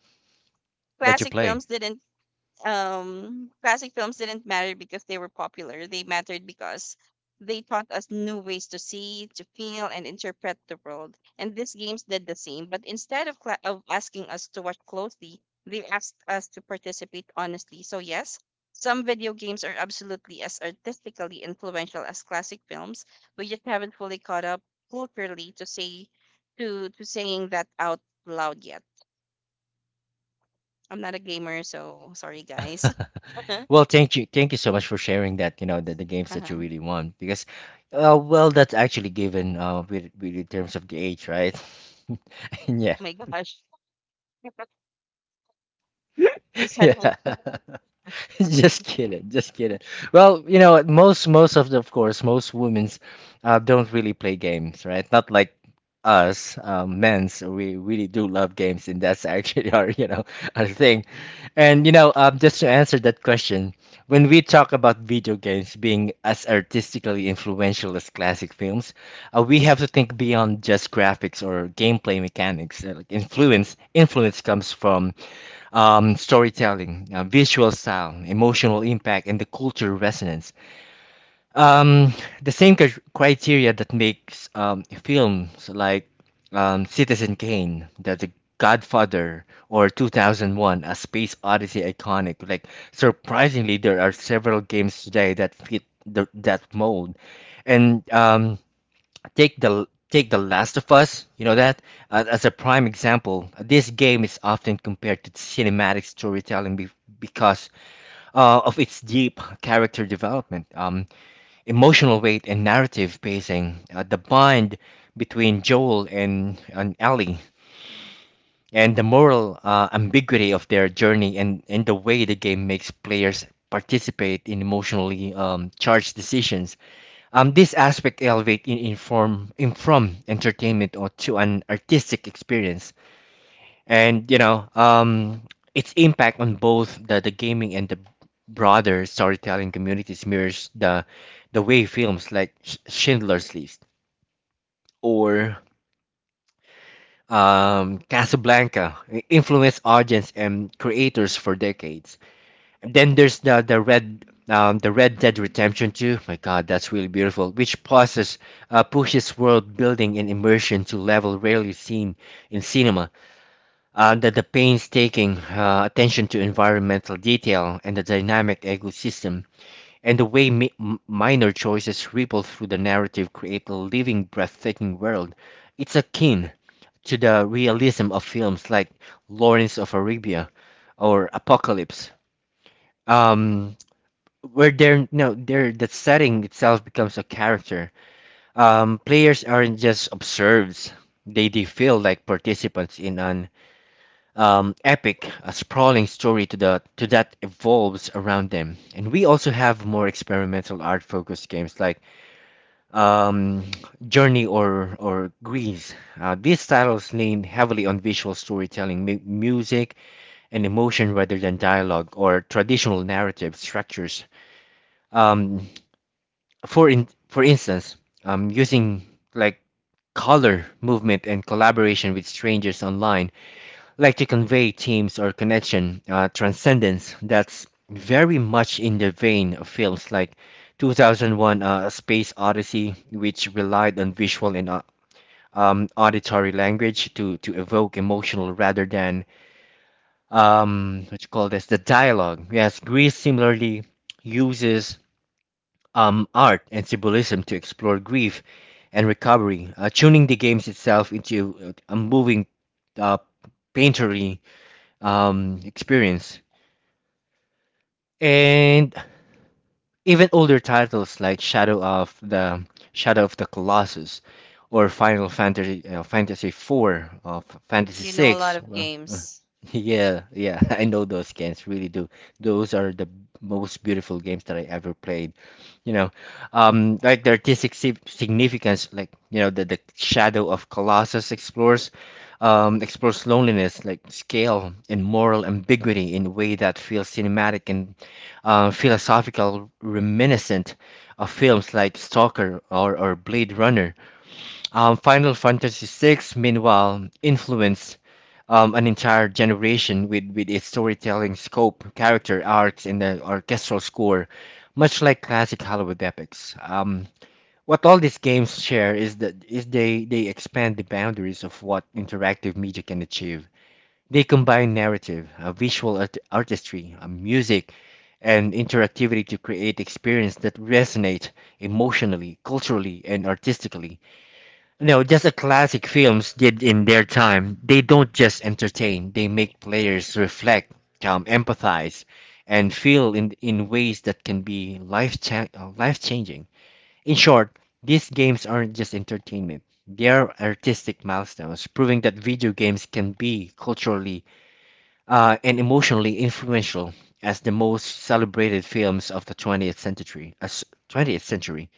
S1: that you
S2: classic
S1: play.
S2: films didn't classic films didn't matter because they were popular. They mattered because they taught us new ways to see, to feel, and interpret the world. And these games did the same, but instead of cla of asking us to watch closely, they asked us to participate honestly. So yes, some video games are absolutely as artistically influential as classic films. We just haven't fully caught up culturally to saying that out loud yet. I'm not a gamer, so sorry guys.
S1: Well, thank you. Thank you so much for sharing that, you know, the games
S2: Uh-huh.
S1: that you
S2: Oh,
S1: really want, because well, that's actually given with in terms of the age, right? And yeah.
S2: my gosh. You suddenly
S1: Yeah. Just kidding, just kidding. Well, you know, most of the, of course, most women's don't really play games, right? Not like us men's. We really do love games, and that's actually our, you know, our thing. And you know, just to answer that question, when we talk about video games being as artistically influential as classic films, we have to think beyond just graphics or gameplay mechanics. Like influence comes from storytelling, visual style, emotional impact, and the cultural resonance. Um, the same criteria that makes films like Citizen Kane, the Godfather, or 2001, A Space Odyssey iconic. Like, surprisingly, there are several games today that fit that mold. And take The Last of Us, you know, that as a prime example. This game is often compared to cinematic storytelling because of its deep character development, emotional weight, and narrative pacing. The bond between Joel and Ellie, and the moral ambiguity of their journey, and the way the game makes players participate in emotionally charged decisions, this aspect elevates in form in from entertainment or to an artistic experience, and you know, its impact on both the gaming and the broader storytelling communities mirrors the way films like Schindler's List or Casablanca influenced audience and creators for decades. Then there's the Red Dead Redemption 2. My God, that's really beautiful. Which pauses pushes world building and immersion to level rarely seen in cinema. The painstaking attention to environmental detail and the dynamic ecosystem, and the way minor choices ripple through the narrative create a living, breathtaking world. It's akin to the realism of films like Lawrence of Arabia or Apocalypse. Um, where they're no they're the setting itself becomes a character. Players aren't just observers, they feel like participants in an epic, a sprawling story to the to that evolves around them. And we also have more experimental art focused games like um journey or grease. These titles lean heavily on visual storytelling, music, and emotion rather than dialogue or traditional narrative structures. um for instance, using, like, color, movement, and collaboration with strangers online, like, to convey teams or connection, transcendence. That's very much in the vein of films like 2001: A Space Odyssey, which relied on visual and auditory language to evoke emotional rather than what you call this, the dialogue. Yes, Greece similarly uses art and symbolism to explore grief and recovery, tuning the games itself into a moving, uh, painterly, experience. And even older titles like Shadow of the Colossus or Final Fantasy 4 of Fantasy
S2: you know a lot
S1: 6,
S2: of
S1: well,
S2: games.
S1: yeah, yeah. I know those games. Really do, those are the most beautiful games that I ever played, you know. Like the artistic significance, like, you know, the Shadow of Colossus explores explores loneliness, like scale and moral ambiguity in a way that feels cinematic and philosophical, reminiscent of films like Stalker or Blade Runner. Final Fantasy VI, meanwhile, influenced an entire generation with its storytelling scope, character arcs, and the orchestral score, much like classic Hollywood epics. What all these games share is that is they expand the boundaries of what interactive media can achieve. They combine narrative, visual artistry, music, and interactivity to create experience that resonate emotionally, culturally, and artistically. No, just as classic films did in their time, they don't just entertain, they make players reflect, empathize, and feel in ways that can be life-changing. In short, these games aren't just entertainment. They are artistic milestones, proving that video games can be culturally and emotionally influential as the most celebrated films of the 20th century. As 20th century.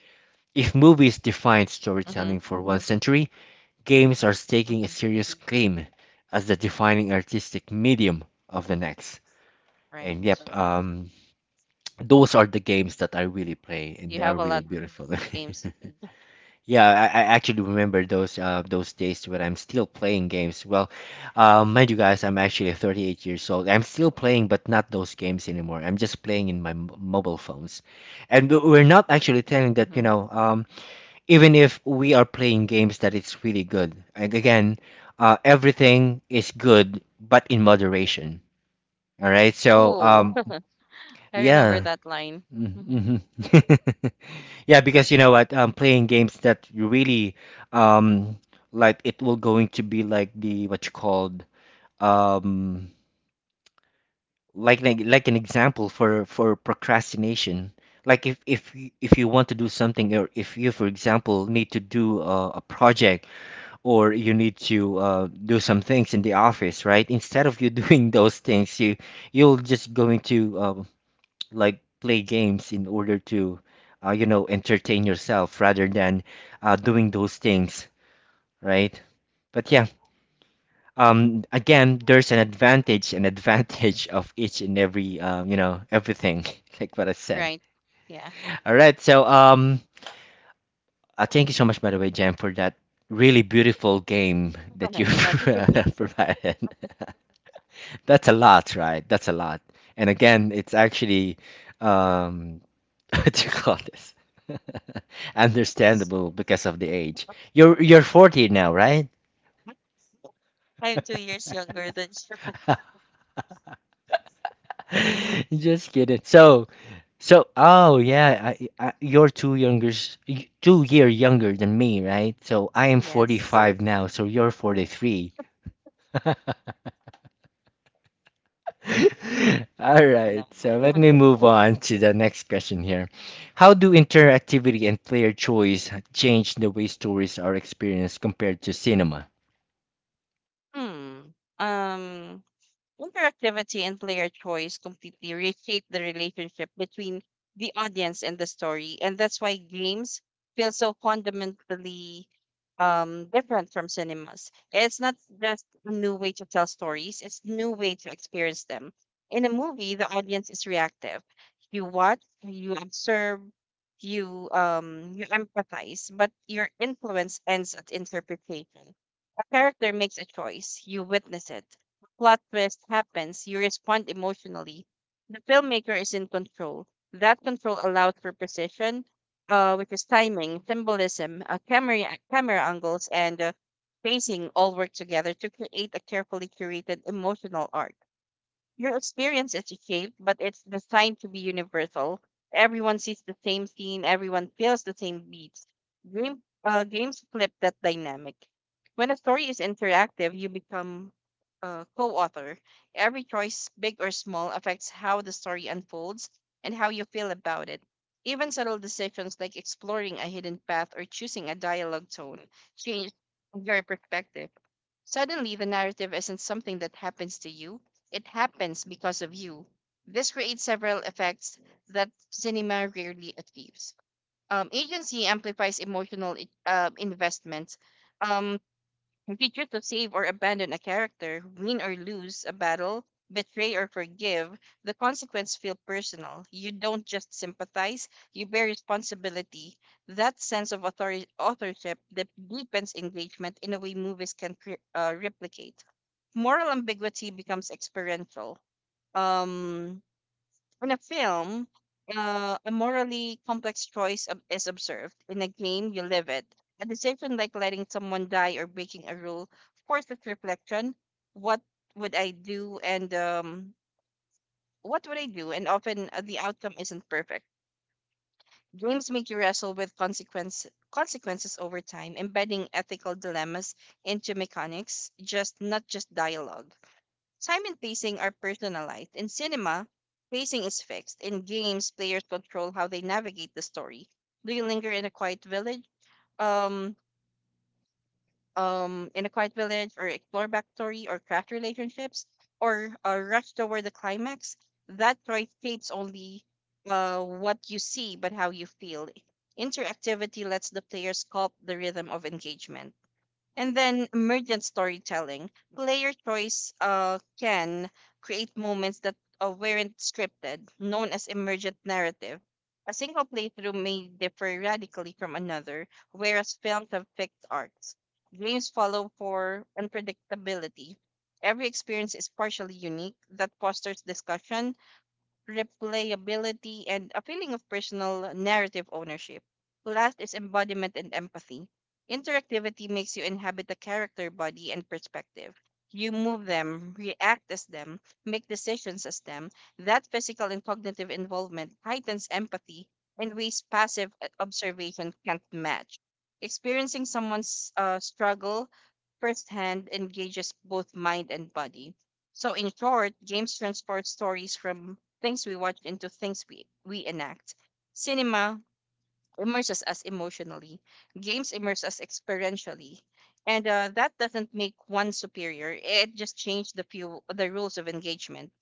S1: If movies defined
S2: Mm-hmm.
S1: storytelling for one century, games are staking a
S2: Mm-hmm.
S1: serious claim as the defining artistic medium of the next. And
S2: Right.
S1: yep, those are the games that I really play, and
S2: You
S1: they are
S2: have a
S1: really
S2: lot
S1: beautiful.
S2: of games.
S1: Yeah, I actually remember those days when I'm still playing games. Well, mind you guys, I'm actually 38 years old. I'm still playing, but not those games anymore. I'm just playing in my m mobile phones, and we're not actually telling that, you
S2: Mm-hmm.
S1: know. Even if we are playing games, that it's really good. And again, everything is good, but in moderation. All right. So,
S2: Oh, I remember
S1: yeah.
S2: that line. Mm-hmm.
S1: Mm-hmm. Yeah, because you know what, playing games that you really um like, it will going to be like the what you called, um like an example for procrastination. Like if if you want to do something, or if you, for example, need to do a project, or you need to do some things in the office, right? Instead of you doing those things, you you'll just going to like play games in order to you know, entertain yourself rather than doing those things, right? But yeah, again, there's an advantage and advantage of each and every you know, everything, like what I said.
S2: Right. Yeah.
S1: All right, so thank you so much, by the way, jen, for that really beautiful game that you
S2: Not really.
S1: provided. That's a lot, right? That's a lot. And again, it's actually um what do you call this?
S2: It's
S1: Understandable because of the age. You're 40 now, right?
S2: I'm 2 years younger than you.
S1: Just kidding. So, so oh yeah, you're two younger, 2 year younger than me, right? So I am
S2: Yes.
S1: 45 now, so you're 43. All right.
S2: No, no.
S1: So let me move on to the next question here. How do interactivity and player choice change the way stories are experienced compared to cinema?
S2: Hmm. Um. Interactivity and player choice completely reshape the relationship between the audience and the story, and that's why games feel so fundamentally different from cinemas. It's not just a new way to tell stories; it's a new way to experience them. In a movie, the audience is reactive. You watch, you observe, you empathize, but your influence ends at interpretation. A character makes a choice; you witness it, plot twist happens, you respond emotionally. The filmmaker is in control. That control allows for precision, which is timing, symbolism, camera angles, and pacing all work together to create a carefully curated emotional arc. Your experience is shaped, but it's designed to be universal. Everyone sees the same scene, everyone feels the same beats. Games flip that dynamic. When a story is interactive, you become a co author. Every choice, big or small, affects how the story unfolds and how you feel about it. Even subtle decisions like exploring a hidden path or choosing a dialogue tone change your perspective. Suddenly, the narrative isn't something that happens to you, it happens because of you. This creates several effects that cinema rarely achieves. Agency amplifies emotional investments. Um, if you choose to save or abandon a character, win or lose a battle, betray or forgive, the consequences feel personal. You don't just sympathize, you bear responsibility. That sense of authorship that deepens engagement in a way movies can replicate. Moral ambiguity becomes experiential. Um, in a film, a morally complex choice is observed. In a game, you live it. A decision like letting someone die or breaking a rule forces reflection. What would I do? And um, what would I do? And often the outcome isn't perfect. Games make you wrestle with consequences over time, embedding ethical dilemmas into mechanics, just not just dialogue. Time and pacing are personalized. In cinema, pacing is fixed. In games, players control how they navigate the story. Do you linger in a quiet village? Um, or explore backstory, or craft relationships, or rush toward the climax? That choice shapes only what you see, but how you feel. Interactivity lets the player sculpt the rhythm of engagement. And then emergent storytelling. Player choice can create moments that weren't scripted, known as emergent narrative. A single playthrough may differ radically from another, whereas films have fixed arcs. Games follow for unpredictability. Every experience is partially unique, that fosters discussion, replayability, and a feeling of personal narrative ownership. Last is embodiment and empathy. Interactivity makes you inhabit the character, body, and perspective. You move them, react as them, make decisions as them. That physical and cognitive involvement heightens empathy in ways passive observation can't match. Experiencing someone's struggle firsthand engages both mind and body. So, in short, games transport stories from things we watch into things we enact. Cinema immerses us emotionally. Games immerse us experientially, and that doesn't make one superior. It just changed the rules of engagement.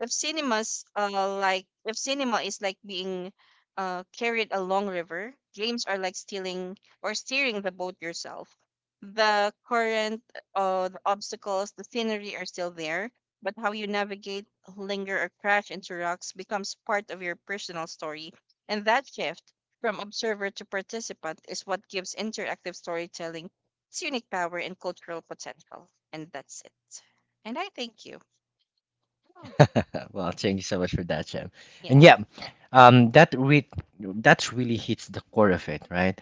S2: If cinemas uh, if cinema is like being carried along river, games are like stealing or steering the boat yourself. The current, the obstacles, the scenery are still there, but how you navigate, linger, or crash into rocks becomes part of your personal story. And that shift from observer to participant is what gives interactive storytelling its unique power and cultural potential. And that's it. And I thank you. Mm.
S1: Well, thank you so much for that, Jim. And
S2: Yeah.
S1: yeah, that that's really hits the core of it, right?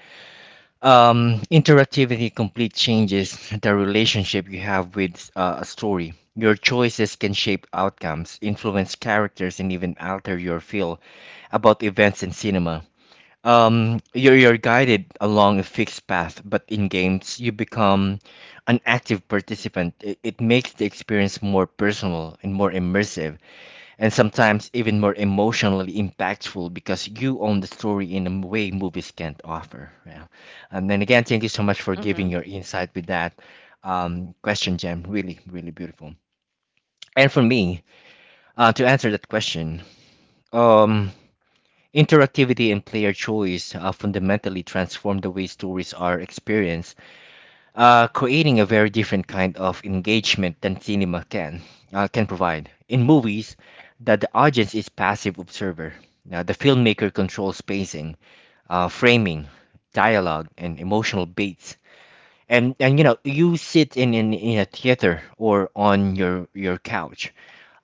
S1: Interactivity complete changes the relationship you have with a story. Your choices can shape outcomes, influence characters, and even alter your feel about events in cinema. You're guided along a fixed path, but in games, you become an active participant. It makes the experience more personal and more immersive, and sometimes even more emotionally impactful because you own the story in a way movies can't offer. Yeah. And then again, thank you so much for
S2: Mm-hmm.
S1: giving your insight with that question, Jem. Really, really beautiful. And for me, to answer that question, um, interactivity and player choice fundamentally transform the way stories are experienced, creating a very different kind of engagement than cinema can provide. In movies, that the audience is passive observer. Now, the filmmaker controls pacing, framing, dialogue, and emotional beats. And you know you sit in a theater or on your couch,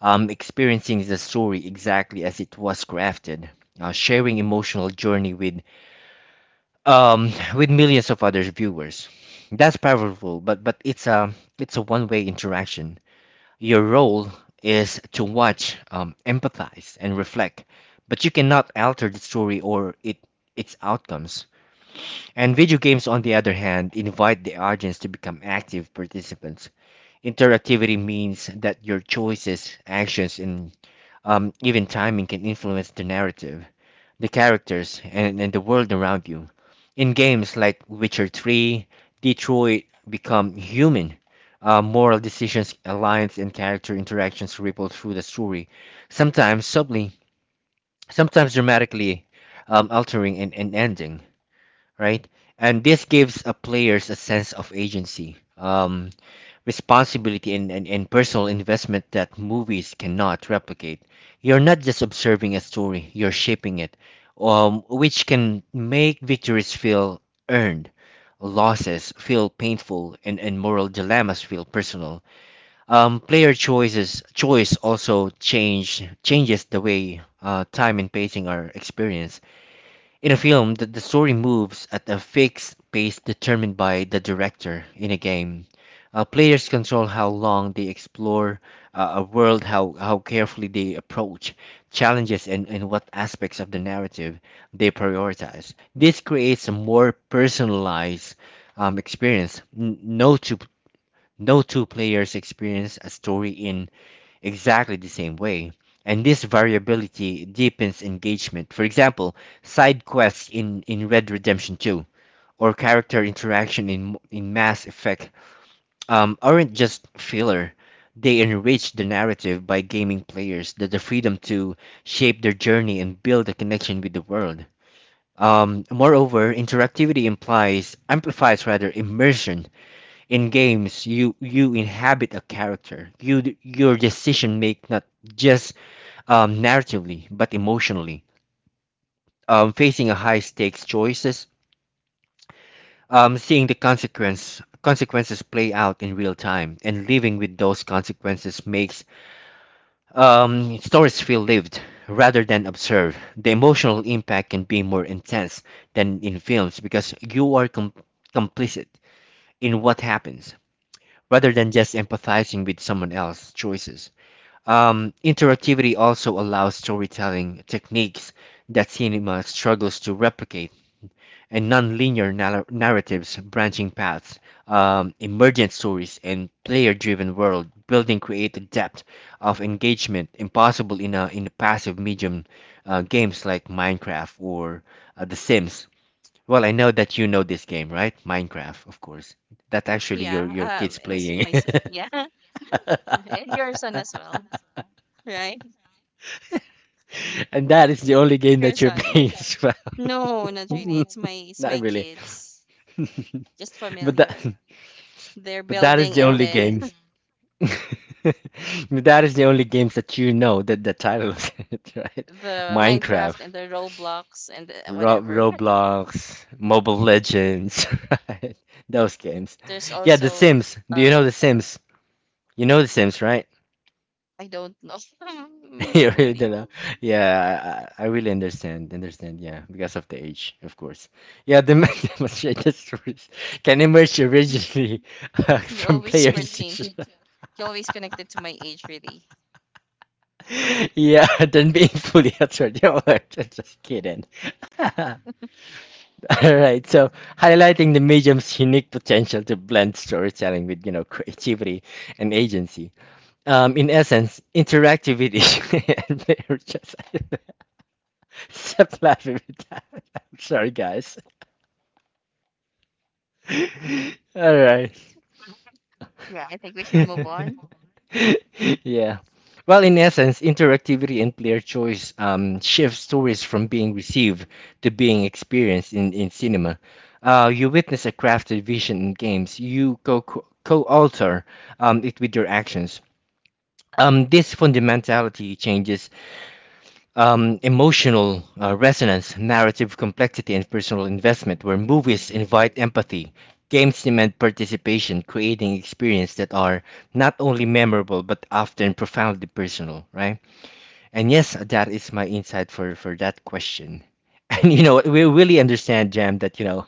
S1: experiencing the story exactly as it was crafted, sharing emotional journey with millions of other viewers. That's powerful, but it's a one-way interaction. Your role is to watch, empathize, and reflect, but you cannot alter the story or it its outcomes. And video games, on the other hand, invite the audience to become active participants. Interactivity means that your choices, actions, and even timing can influence the narrative, the characters, and the world around you. In games like Witcher 3, Detroit become human. Moral decisions, alliance, and character interactions ripple through the story, sometimes subtly, sometimes dramatically, altering an ending, right? And this gives players a sense of agency. Responsibility, and personal investment that movies cannot replicate. You're not just observing a story, you're shaping it, which can make victories feel earned, losses feel painful, and moral dilemmas feel personal. Player choices choice also changes the way time and pacing are experienced. In a film, the story moves at a fixed pace determined by the director. In a game, players control how long they explore a world, how carefully they approach challenges, and what aspects of the narrative they prioritize. This creates a more personalized experience. No two no two players experience a story in exactly the same way. And this variability deepens engagement. For example, side quests in Red Redemption 2 or character interaction in Mass Effect aren't just filler. They enrich the narrative by giving players the freedom to shape their journey and build a connection with the world. Moreover, interactivity implies amplifies rather immersion. In games, you inhabit a character. Your decision make not just narratively but emotionally, facing a high stakes choices, seeing the consequences play out in real time, and living with those consequences makes stories feel lived rather than observed. The emotional impact can be more intense than in films because you are complicit in what happens rather than just empathizing with someone else's choices. Interactivity also allows storytelling techniques that cinema struggles to replicate and nonlinear narratives, branching paths, emergent stories, and player-driven world building create a depth of engagement impossible in a passive medium, games like Minecraft or The Sims. Well, I know that you know this game, right? Minecraft, of course. That's actually your
S2: Yeah.
S1: kids
S2: It's
S1: playing,
S2: my son. Yeah. And your son as well, right?
S1: and that is the only game
S2: Your
S1: that you're
S2: son.
S1: playing as
S2: No, not really.
S1: well.
S2: It's
S1: Not
S2: my
S1: really.
S2: kids. Just
S1: But that
S2: familiar. They're
S1: but that is
S2: building
S1: the
S2: and
S1: only
S2: then
S1: games. But that is the only games that you know that the title of it, right?
S2: the Minecraft
S1: Minecraft,
S2: and the Roblox and the
S1: Ro
S2: whatever.
S1: Roblox, Mobile Legends, right? Those games.
S2: There's
S1: Yeah, The
S2: also
S1: Sims. Do you know
S2: um
S1: The Sims? You know The Sims, right?
S2: I don't know.
S1: You really don't
S2: Probably.
S1: know. Yeah, I really understand. Understand. Yeah, because of the age, of course. Yeah, the men demonstrated stories can emerge
S2: Mm.
S1: originally
S2: You
S1: from
S2: always
S1: player
S2: pertain.
S1: decision.
S2: You always connected to my age, really.
S1: Yeah, then being fully altered. Yeah, well, I just kidding. All right, so highlighting the medium's unique potential to blend storytelling with, you know, creativity and agency. In essence, interactivity and player choice. It's laughing! Fluffy baton. I'm sorry, guys. All right.
S2: Mhm. Yeah, I think we should move on.
S1: Yeah. Well, in essence, interactivity and player choice shift stories from being received to being experienced in cinema. You witness a crafted vision in games. You co alter it with your actions. This fundamentality changes emotional resonance, narrative complexity, and personal investment, where movies invite empathy, games demand participation, creating experiences that are not only memorable but often profoundly personal, right? And yes, that is my insight for that question. And you know, we really understand, Jam, that you know,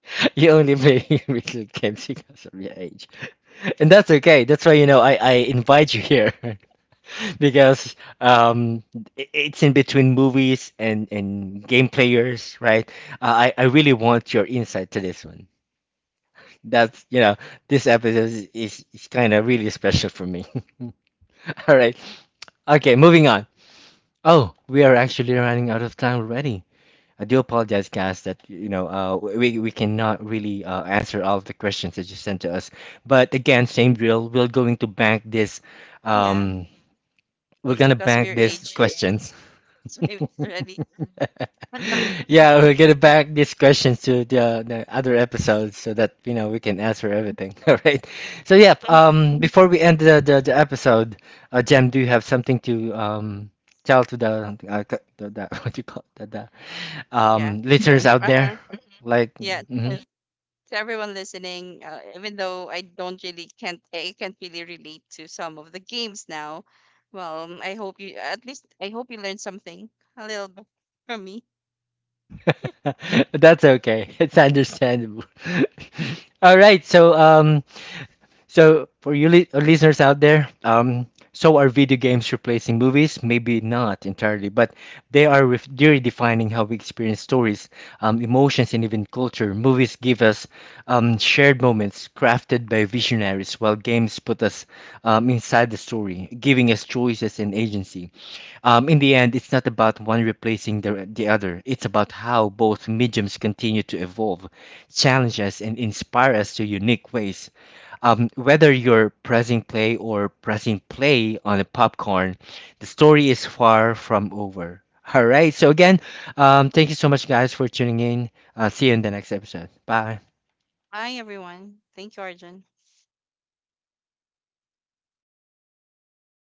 S1: you only play video games because of your age, and that's okay. That's why you know I invite you here. because it's in between movies and game players, right? I really want your insight to this one. That's, you know, this episode is kind of really special for me. All right. Okay, moving on. Oh, we are actually running out of time already. I do apologize, guys, that, you know, we cannot really answer all of the questions that you sent to us. But again, same drill. We're going to bank this.
S2: Yeah,
S1: Um, we're
S2: it's
S1: going to
S2: because of
S1: bank
S2: your
S1: these
S2: age.
S1: questions.
S2: So it's already.
S1: Yeah, we'll get back these questions to the other episodes so that you know we can answer everything. All right. So yeah, before we end the episode, Jem, do you have something to tell to the the what do you call it? the, the
S2: yeah.
S1: um listeners out
S2: Uh
S1: there?
S2: huh.
S1: Like,
S2: Yeah.
S1: mhm.
S2: To everyone listening, even though I don't really can't I can't really relate to some of the games now. Well, I hope you learned something a little bit from me.
S1: That's okay. It's understandable. All right. So. So, for you listeners out there, so are video games replacing movies? Maybe not entirely, but they're redefining how we experience stories, emotions, and even culture. Movies give us shared moments crafted by visionaries, while games put us inside the story, giving us choices and agency. In the end, it's not about one replacing the other. It's about how both mediums continue to evolve, challenge us, and inspire us to unique ways, whether you're pressing play or pressing play on a popcorn, the story is far from over. All right. So, again, thank you so much, guys, for tuning in. See you in the next episode. Bye.
S2: Bye, everyone. Thank you, Arjun.